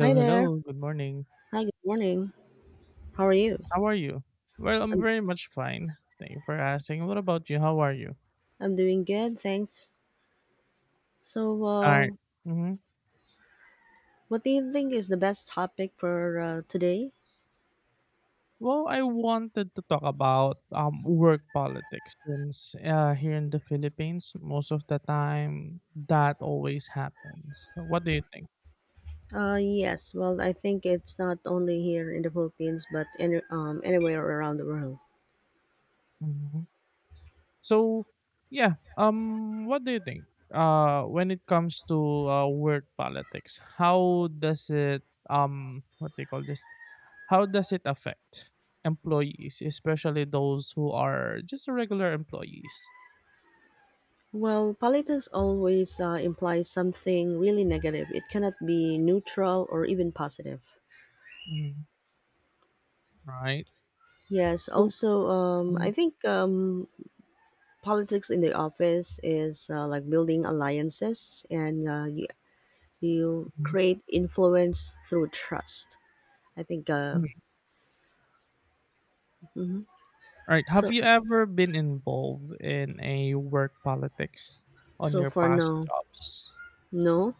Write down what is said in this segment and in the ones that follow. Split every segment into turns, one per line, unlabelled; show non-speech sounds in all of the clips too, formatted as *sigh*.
Hi there.
hello. Good morning.
Hi, good morning. How are you?
How are you? Well, I'm
I'm
very much fine. Thank you for asking. What about you? How are you?
I'm doing good, thanks. So,
All
uh,
right. Mm-hmm.
what do you think is the best topic for today?
Well, I wanted to talk about work politics since here in the Philippines, most of the time that always happens. So what do you think?
Yes. Well, I think it's not only here in the Philippines, but anywhere around the world.
Hmm. So, yeah. What do you think? When it comes to work politics, how does it what do you call this? How does it affect employees, especially those who are just regular employees?
Well, politics always implies something really negative. It cannot be neutral or even positive.
Mm. Right.
Yes.
So,
Also,
hmm.
I think politics in the office is like building alliances and you
Mhm.
create influence through trust. I think.
Mhm.
Mhm.
Right.
So
Have you ever been involved in a work politics on your
for
past
now,
jobs?
no.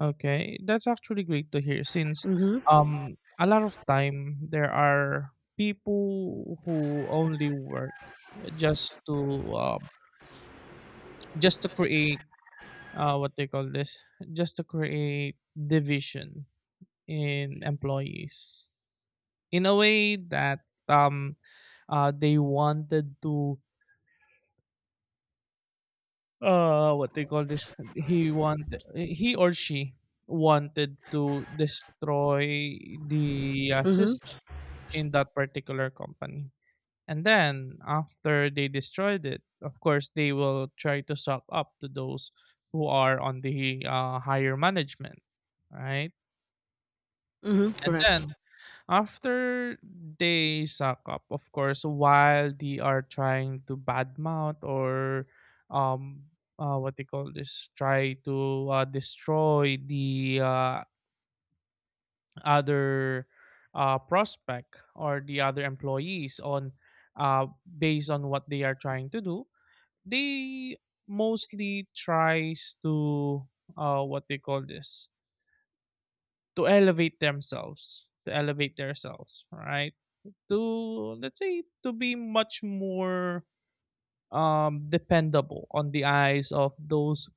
Okay, that's actually great to hear since
Mm-hmm.
a lot of time there are people who only work just to um, just to create what they call this, just to create division in employees in a way that um, they wanted to what they call this. He or she wanted to destroy the
Mm-hmm.
system in that particular company. And then after they destroyed it, of course they will try to suck up to those who are on the higher management, right?
Mm-hmm.
And
Correct.
then after they suck up, of course, while they are trying to badmouth or um what they call this, try to destroy the other prospect or the other employees on, based on what they are trying to do, they mostly tries to, what they call this, to elevate themselves, right? To let's say to be much more dependable on the eyes of those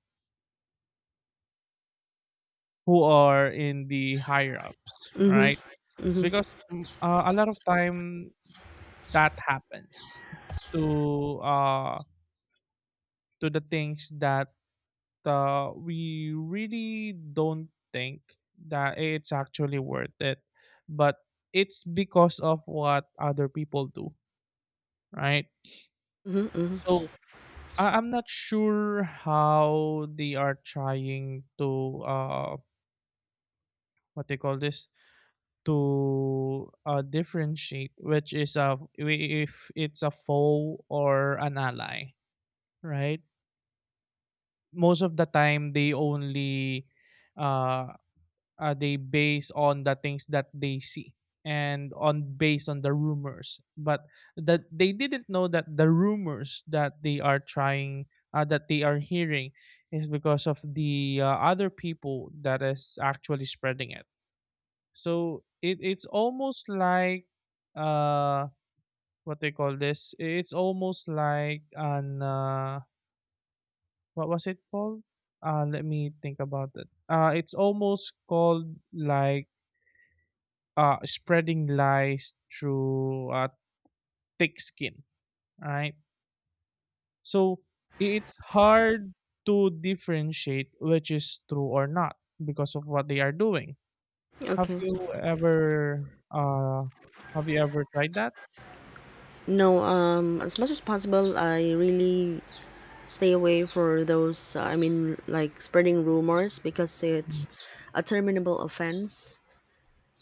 who are in the higher ups,
Mm-hmm.
right?
Mm-hmm.
Because a lot of time that happens to uh to the things that we really don't think that it's actually worth it, but it's because of what other people do, right?
Mm-hmm, mm-hmm.
So I'm not sure how they are trying to what they call this, to differentiate which is a if it's a foe or an ally, right? Most of the time they only uh they base on the things that they see and on based on the rumors, but that they didn't know that the rumors that they are trying that they are hearing is because of the other people that is actually spreading it. So it's almost like uh what they call this. It's almost like an what was it called? Let me think about it. It's almost called like spreading lies through thick skin. Right? So it's hard to differentiate which is true or not because of what they are doing. Have
Okay.
you ever uh, have you ever tried that?
No. As much as possible, I really stay away for those. I mean, like spreading rumors because it's a terminable offense.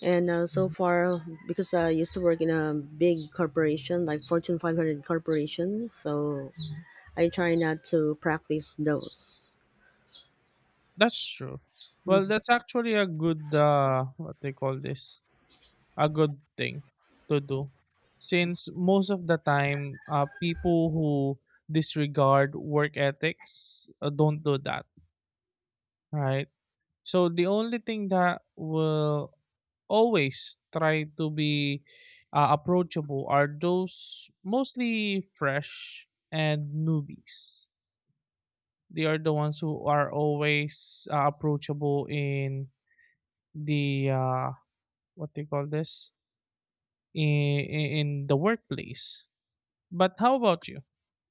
And so
Mm.
far, because I used to work in a big corporation, like Fortune 500 corporations, so I try not to practice those.
That's true. Well,
Mhm.
that's actually a good what they call this, a good thing to do since most of the time people who disregard work ethics don't do that, right? So the only thing that will always try to be approachable are those mostly fresh and newbies. They are the ones who are always approachable in the what do you call this, in the workplace. But how about you?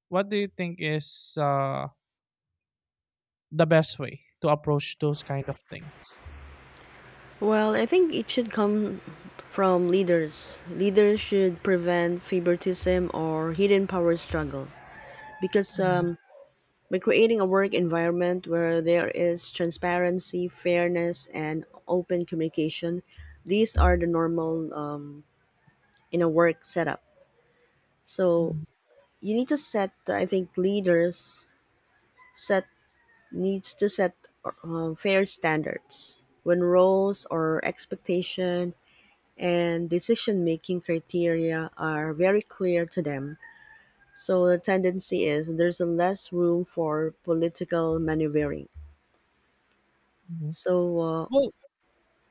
What do you think is the best way to approach those kind of things?
Well, I think it should come from leaders. Leaders should prevent favoritism or hidden power struggle because
Mhm.
by creating a work environment where there is transparency, fairness, and open communication, these are the normal in a work setup. So
Mhm.
you need to set, I think, leaders set needs to set fair standards when roles or expectation and decision-making criteria are very clear to them. So the tendency is there's a less room for political maneuvering.
Mhm.
So, uh,
Well,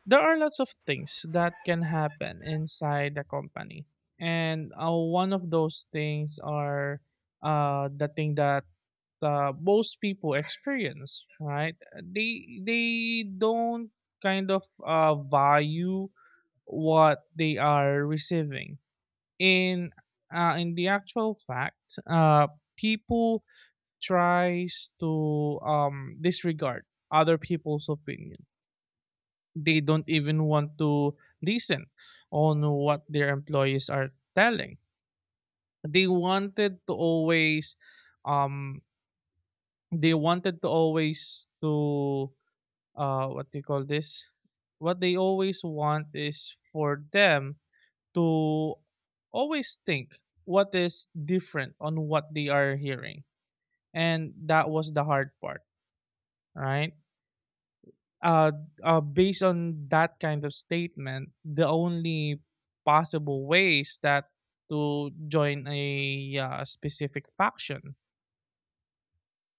there are lots of things that can happen inside the company, and one of those things are the thing that most people experience. Right? They don't kind of value what they are receiving in in the actual fact. uh, People tries to disregard other people's opinion. They don't even want to listen on what their employees are telling. They wanted to always, um, they wanted to always to what do you call this? What they always want is for them to always think what is different on what they are hearing. And that was the hard part, right? Uh, Based on that kind of statement, the only possible ways that to join a specific faction.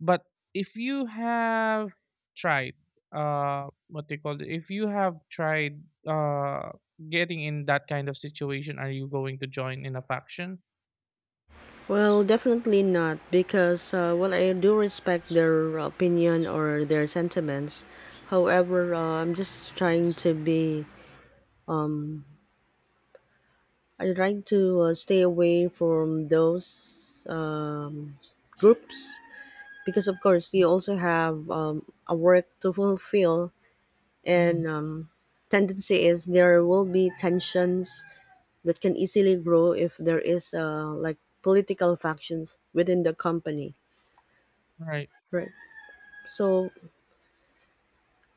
But if you have tried, what they call it, if you have tried getting in that kind of situation, are you going to join in a faction?
well, definitely not because, well, I do respect their opinion or their sentiments. However, I'm just trying to be, um, I'm trying to stay away from those groups because of course you also have a work to fulfill
Mhm.
and tendency is there will be tensions that can easily grow if there is like political factions within the company,
Right.
right? So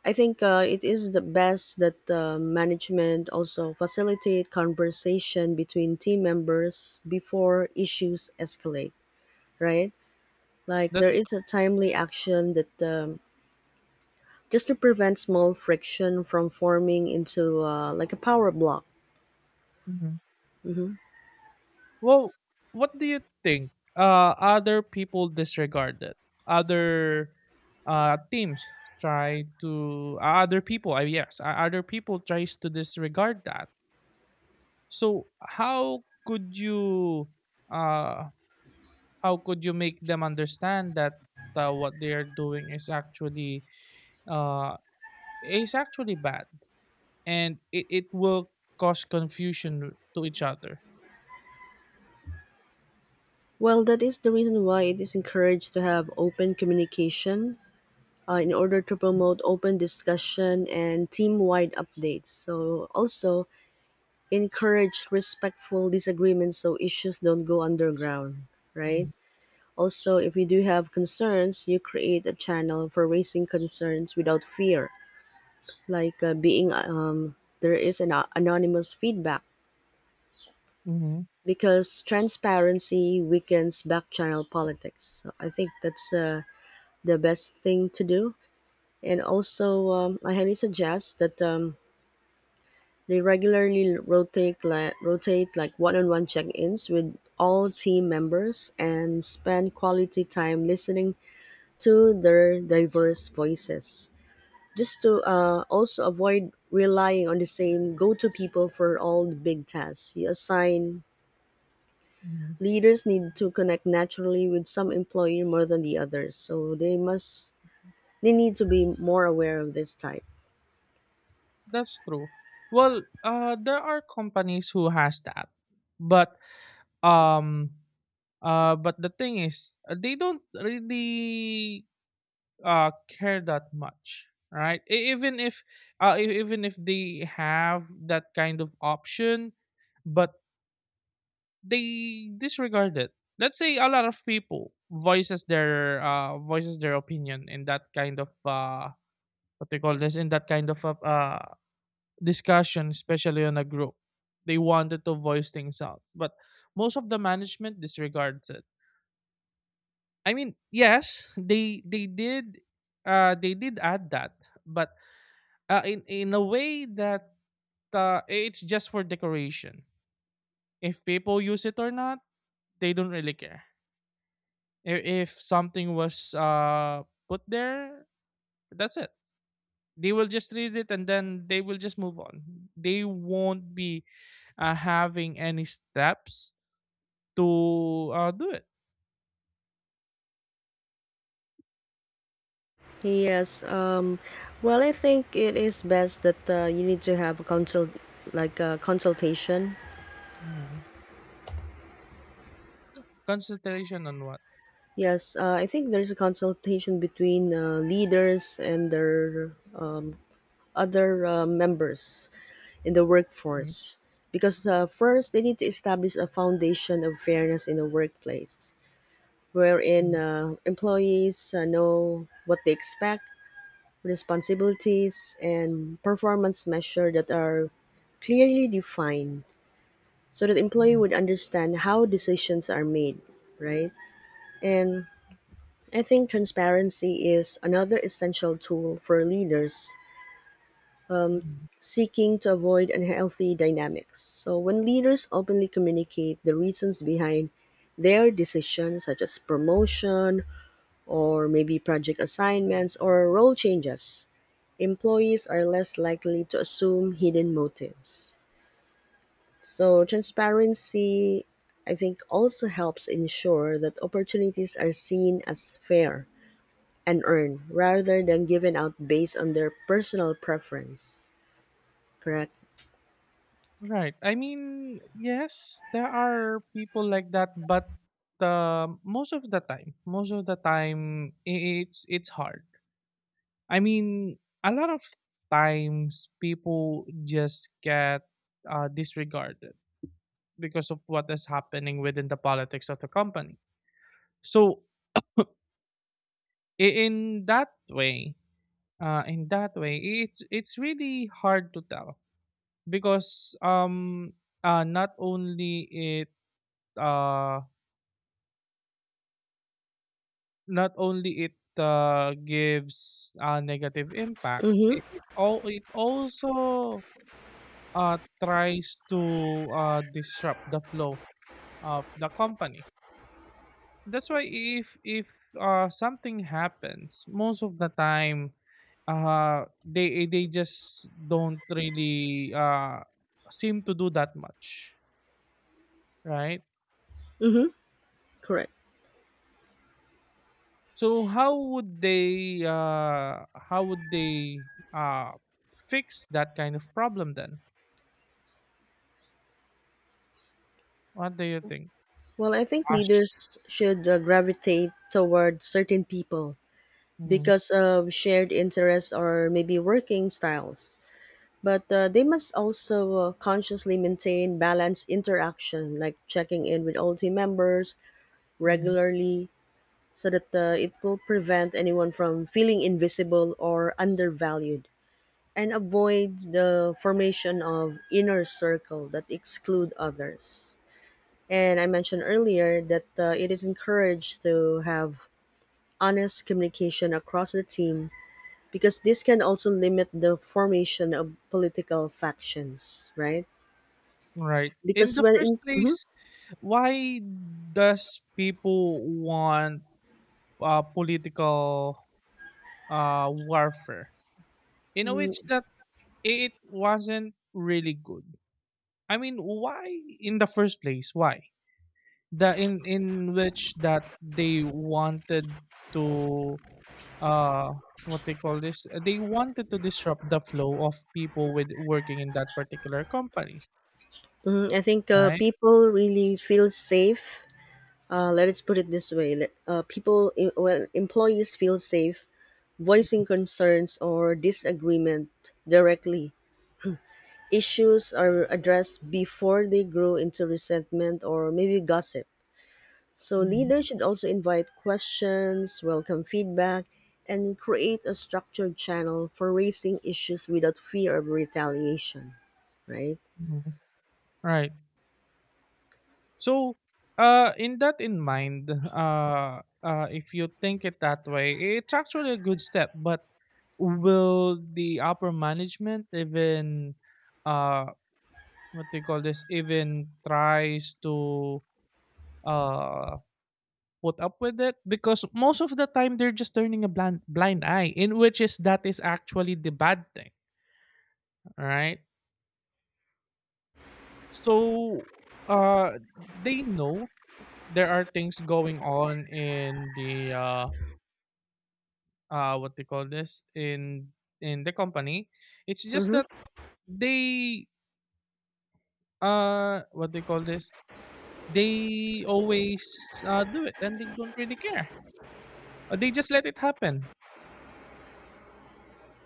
I think it is the best that management also facilitate conversation between team members before issues escalate, right? Like there
That's
is a timely action that just to prevent small friction from forming into like a power block.
mhm. Well, what do you think? Other people disregard it. Other teams try to other people. I Yes, other people tries to disregard that. So uh how could you make them understand that what they are doing uh is actually bad, and it will cause confusion to each other.
Well, that is the reason why it is encouraged to have open communication in order to promote open discussion and team-wide updates. So also encourage respectful disagreements so issues don't go underground, right?
Mhm.
Also, if you do have concerns, you create a channel for raising concerns without fear, like being there is an anonymous feedback because transparency weakens backchannel politics. So I think that's the best thing to do. And also, I highly suggest that they regularly rotate like one-on-one check-ins with all team members and spend quality time listening to their diverse voices. Just to also avoid relying on the same go-to people for all the big tasks. You assign
Mhm.
leaders need to connect naturally with some employee more than the others so they need to be more aware of this type.
That's true. Well, there are companies who has that, but um, but the thing is, they don't really care that much, right? Even if even if they have that kind of option, but they disregard it. Let's say a lot of people voices their opinion in that kind of what they call this, in that kind of discussion, especially on a group. They wanted to voice things out, but most of the management disregards it. I mean, yes, they did they did add that, but in a way that it's just for decoration. If people use it or not, they don't really care. If something was put there, that's it. They will just read it and then they will just move on. They won't be having any steps to, do it.
yes um, well, I think it is best that you need to have a consultation.
Mhm. Concentration on what?
Yes I think there's a consultation between leaders and their other members in the
Mhm.
workforce because first they need to establish a foundation of fairness in the workplace wherein
Mm.
employees know what they expect, responsibilities, and performance measures that are clearly defined so that employee
Mm.
would understand how decisions are made, right? And I think transparency is another essential tool for leaders
Mm.
seeking to avoid unhealthy dynamics. So when leaders openly communicate the reasons behind their decisions such as promotion or maybe project assignments or role changes, employees are less likely to assume hidden motives. So, transparency, I think, also helps ensure that opportunities are seen as fair and earned rather than given out based on their personal preference. Correct?
Right. I mean, yes, there are people like that, but, most of the time, most of the time, I it's hard. I mean, a lot of times people just get, disregarded because of what is happening within the politics of the company. So, *laughs* I in that way, in that way, it's really hard to tell because not only it uh not only it gives a negative impact,
Mm hmm.
it also uh tries to disrupt the flow of the company. That's why if something happens, most of the time they just don't really seem to do that much, right?
Mm hmm. Correct.
So how would they uh fix that kind of problem then? What do you think?
Well, I think
Ash?
leaders should gravitate toward certain people
Mhm.
because of shared interests or maybe working styles. But they must also consciously maintain balanced interaction, like checking in with all team members
Mhm.
regularly, so that it will prevent anyone from feeling invisible or undervalued and avoid the formation of inner circle that exclude others. And I mentioned earlier that it is encouraged to have honest communication across the team because this can also limit the formation of political factions, right?
Right. In
because
the
when
first
in, mhm,
place, why does people want political warfare? In a which that it wasn't really good. I mean, why in the first place? Why the in which that they wanted to uh what they call this? They wanted to disrupt the flow of people with working in that particular company,
mhm, I think
right?
people really feel safe. Let us put it this way: well, employees feel safe voicing concerns or disagreement directly. Issues are addressed before they grow into resentment or maybe gossip. So
Mhm.
leaders should also invite questions, welcome feedback, and create a structured channel for raising issues without fear of retaliation. Right?
Mhm. Right. So, in that in mind, if you think it that way, it's actually a good step. But will the upper management even, uh? what they call this, even tries to uh put up with it because most of the time they're just turning a blind eye, in which is that is actually the bad thing, all right? So they know there are things going on in the what they call this, in the company. It's just that
Mm-hmm.
they what they call this, they always do it and they don't really care. They just let it happen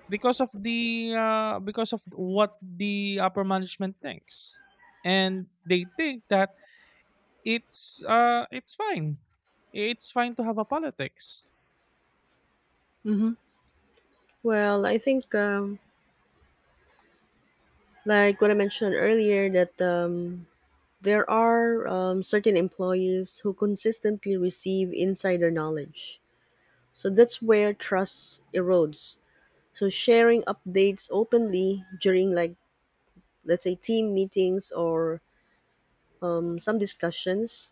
because of the because of what the upper management thinks, and they think that it's uh it's fine, it's fine to have a politics.
Well, I think, like what I mentioned earlier, that there are certain employees who consistently receive insider knowledge. So that's where trust erodes. So sharing updates openly during, like, let's say, team meetings or some discussions,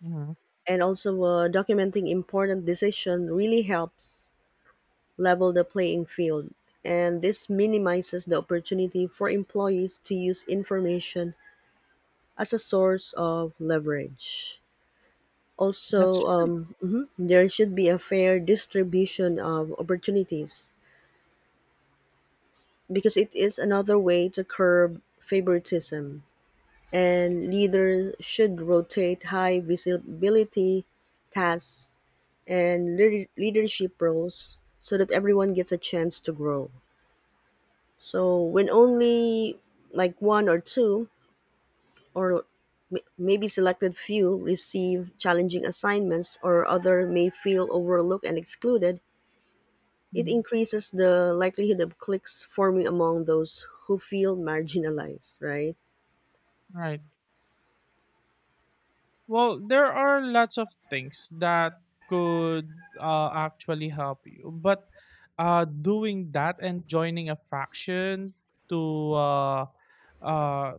Mhm.
and also documenting important decision really helps level the playing field. And this minimizes the opportunity for employees to use information as a source of leverage.
That's
Also,
right.
there should be a fair distribution of opportunities because it is another way to curb favoritism. And leaders should rotate high visibility tasks and leadership roles so that everyone gets a chance to grow. So, when only like one or two or maybe selected few receive challenging assignments or other may feel overlooked and excluded, it
Mhm.
increases the likelihood of cliques forming among those who feel marginalized, right?
Right. Well, there are lots of things that could actually help you, but doing that and joining a faction to uh,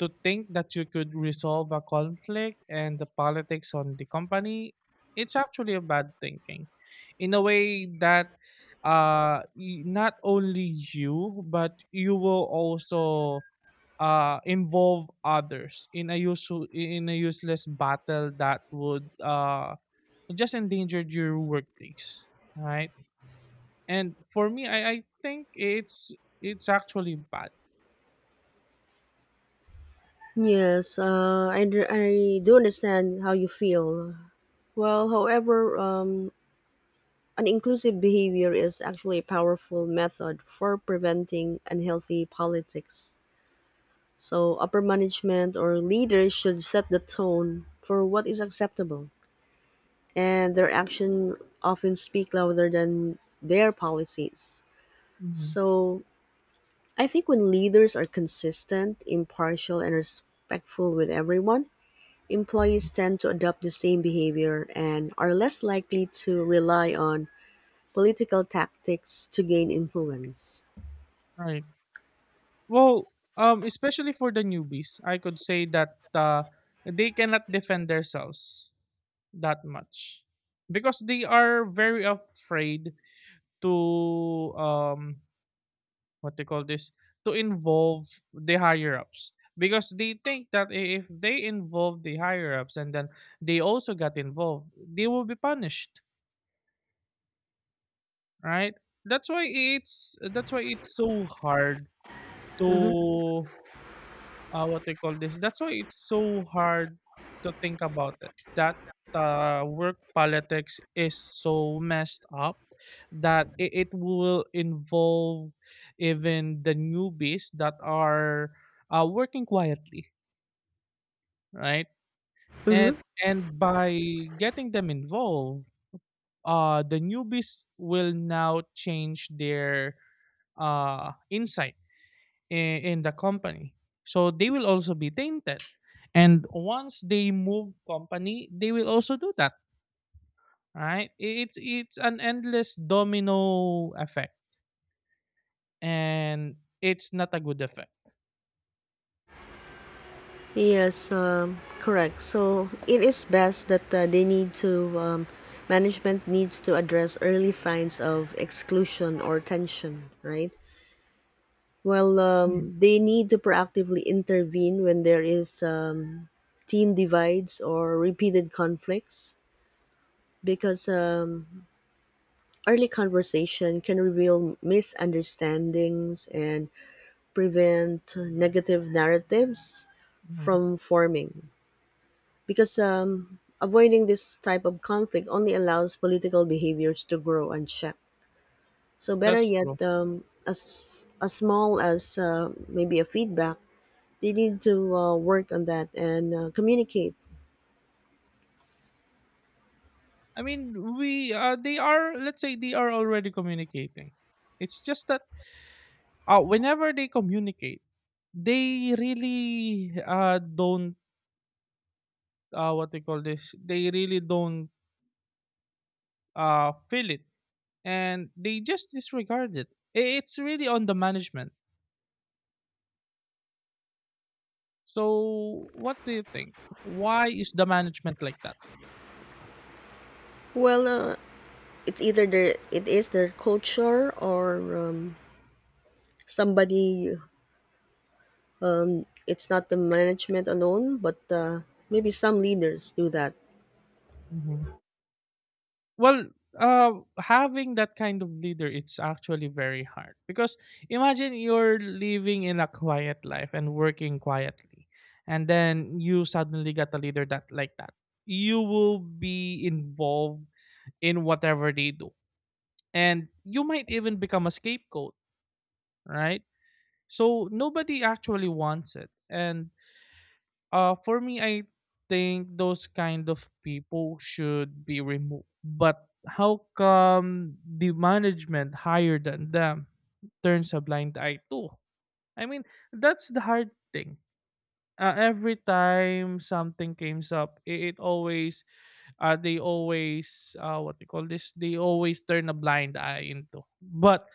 to think that you could resolve a conflict and the politics on the company, it's actually a bad thinking. In a way that not only you but you will also involve others in a useless battle that would just endanger your workplace. Right? And for me I think it's actually bad.
Yes, I do understand how you feel. Well, however, an inclusive behavior is actually a powerful method for preventing unhealthy politics. So, upper management or leaders should set the tone for what is acceptable, and their actions often speak louder than their policies.
Mm-hmm.
So I think when leaders are consistent, impartial, and respectful with everyone, employees tend to adopt the same behavior and are less likely to rely on political tactics to gain influence.
Right. Well, especially for the newbies, I could say that they cannot defend themselves that much because they are very afraid to what they call this, to involve the higher ups because they think that if they involve the higher ups and then they also got involved, they will be punished, right? That's why it's That's why it's so hard
Mm-hmm.
to what they call this. That's why it's so hard to think about it. That work politics is so messed up that it will involve even the newbies that are working quietly, right? And
Mm-hmm.
by getting them involved, the newbies will now change their insight in the company. So they will also be tainted. And once they move company, they will also do that, right? It's an endless domino effect and it's not a good effect.
Yes, correct. So it is best that they need to management needs to address early signs of exclusion or tension, right? Well,
Mhm,
they need to proactively intervene when there is team divides or repeated conflicts because early conversation can reveal misunderstandings and prevent negative narratives
mhm.
from forming because avoiding this type of conflict only allows political behaviors to grow unchecked. So better
That's
yet,
true.
as as small as maybe a feedback, they need to work on that and communicate.
I mean, we they are, let's say they are already communicating. It's just that whenever they communicate, they really don't what they call this. They really don't feel it, and they just disregard it. It's really on the management. So, what do you think? Why is the management like that?
Well, it's either their it is their culture or somebody. It's not the management alone, but maybe some leaders do that
Hmm. Well, uh, having that kind of leader, it's actually very hard because imagine you're living in a quiet life and working quietly, and then you suddenly get a leader that like that. You will be involved in whatever they do, and you might even become a scapegoat, right? So nobody actually wants it. And for me, I think those kind of people should be removed. But how come the management higher than them turns a blind eye too? I mean, that's the hard thing. Every time something comes up, it always they always what they call this, they always turn a blind eye into. But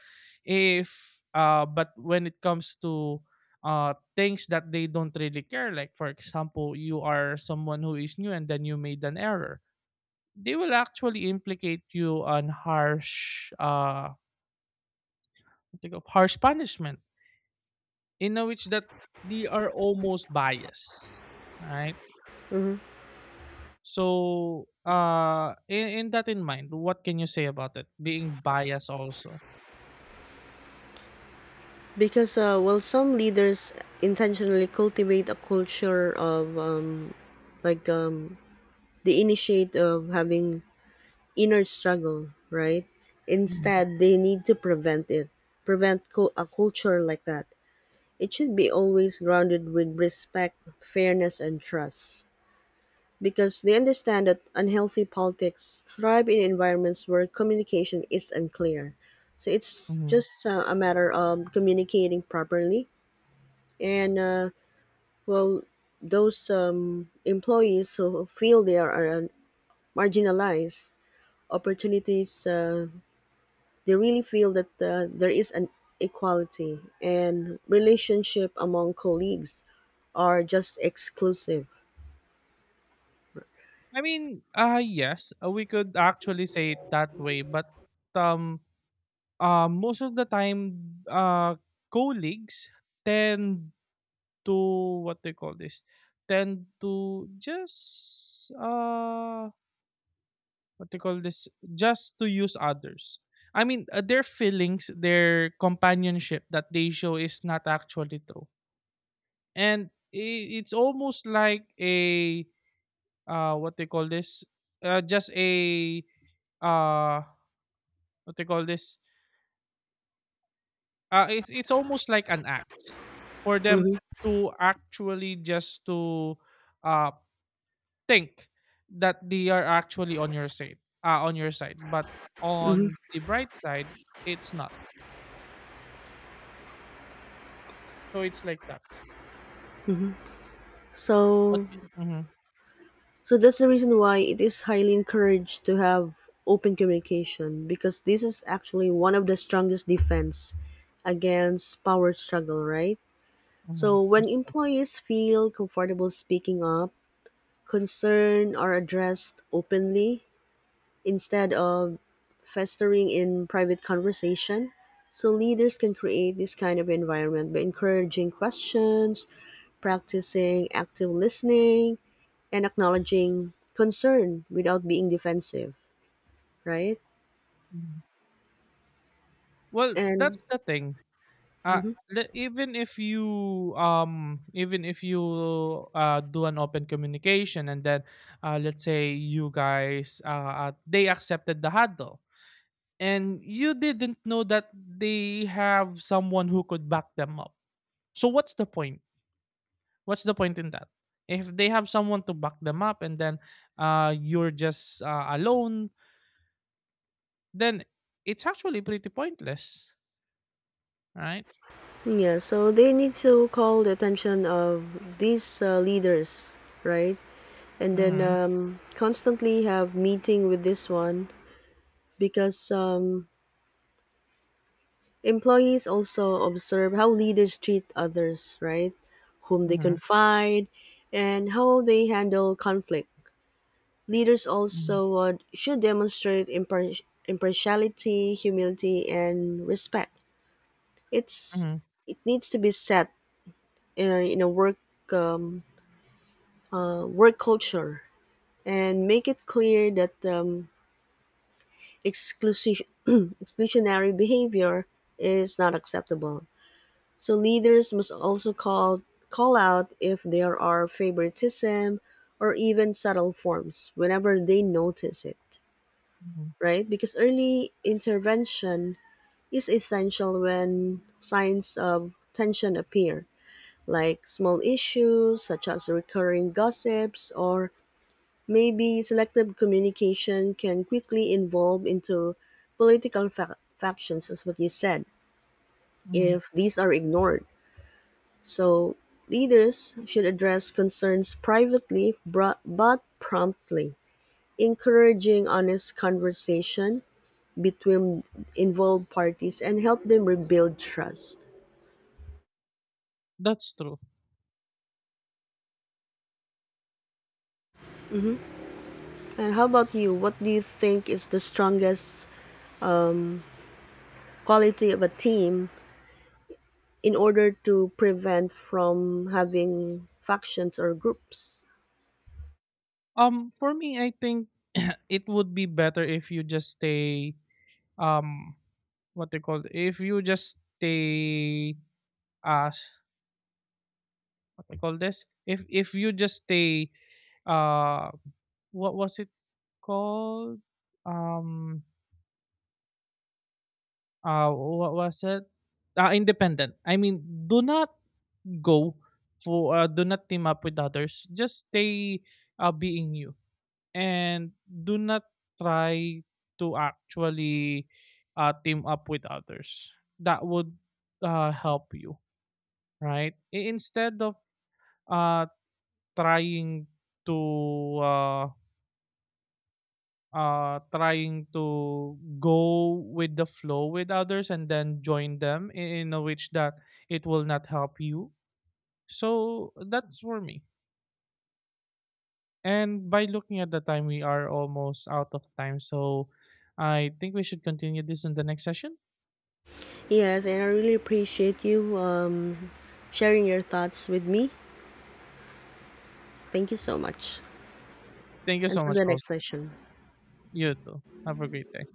if but when it comes to things that they don't really care, like for example, you are someone who is new and then you made an error, they will actually implicate you on harsh what they call— harsh punishment, in a which that they are almost biased, right? So, in that in mind, what can you say about it being biased also?
because well, some leaders intentionally cultivate a culture of like um, the initiate of having inner struggle, right?
Mhm,
Instead, they need to prevent a culture like that. It should be always grounded with respect, fairness, and trust. Because they understand that unhealthy politics thrive in environments where communication is unclear. So it's
mhm.
just a matter of communicating properly. And, well, those employees who feel they are marginalized opportunities, they really feel that there is an equality and relationship among colleagues are just exclusive.
I mean, yes, we could actually say it that way, but um, most of the time, colleagues tend to what they call this, tend to just what they call this, just to use others. I mean, their feelings, their companionship that they show is not actually true, and it's almost like a what they call this, just a uh what they call this, it's almost like an act for them
Hmm.
to actually just to uh think that they are actually on your side, on your side, but
Hmm.
on the bright side it's not. So it's like that. What?
So,
Hmm.
so that's the reason why it is highly encouraged to have open communication because this is actually one of the strongest defense against power struggle, right?
Hmm.
So when employees feel comfortable speaking up, concern are addressed openly, instead of festering in private conversation. So leaders can create this kind of environment by encouraging questions, practicing active listening, and acknowledging concern without being defensive, right?
Well,
And
that's the thing. Uh,
mhm.
le- even if you even if you do an open communication, and then let's say you guys they accepted the huddle and you didn't know that they have someone who could back them up. So what's the point? What's the point in that? If they have someone to back them up, and then you're just alone, then it's actually pretty pointless, right?
Yeah, so they need to call the attention of these leaders, right? And then
Mhm.
constantly have meeting with this one because employees also observe how leaders treat others, right? Whom they
Mhm.
confide and how they handle conflict. Leaders
Mhm.
also should demonstrate impartiality, humility, and respect. It's
Mhm.
it needs to be set in a um, work culture and make it clear that exclusi- *clears throat* exclusionary behavior is not acceptable. So leaders must also call out if there are favoritism or even subtle forms whenever they notice it,
Mhm.
right? Because early intervention is essential when signs of tension appear, like small issues such as recurring gossips or maybe selective communication can quickly evolve into political factions as what you said
Mhm.
if these are ignored. So, leaders should address concerns privately but promptly, encouraging honest conversation between involved parties and help them rebuild trust.
That's true.
And how about you? What do you think is the strongest um, quality of a team in order to prevent from having factions or groups?
For me, I think it would be better if you just stay. Um, what they call, if you just stay as what they call this. If you just stay. Uh, what was it called? Um, what was it? Independent. I mean, do not go for. Do not team up with others. Just stay. Being you, and do not try to actually team up with others that would help you, right? Instead of uh, trying to uh, trying to go with the flow with others and then join them in a which that it will not help you. So that's for me, and by looking at the time, we are almost out of time, so I think we should continue this in the next session.
Yes, and I really appreciate you sharing your thoughts with me. Thank you so much.
Thank you so
Until
much
the next
also.
session.
You too. Have a great day.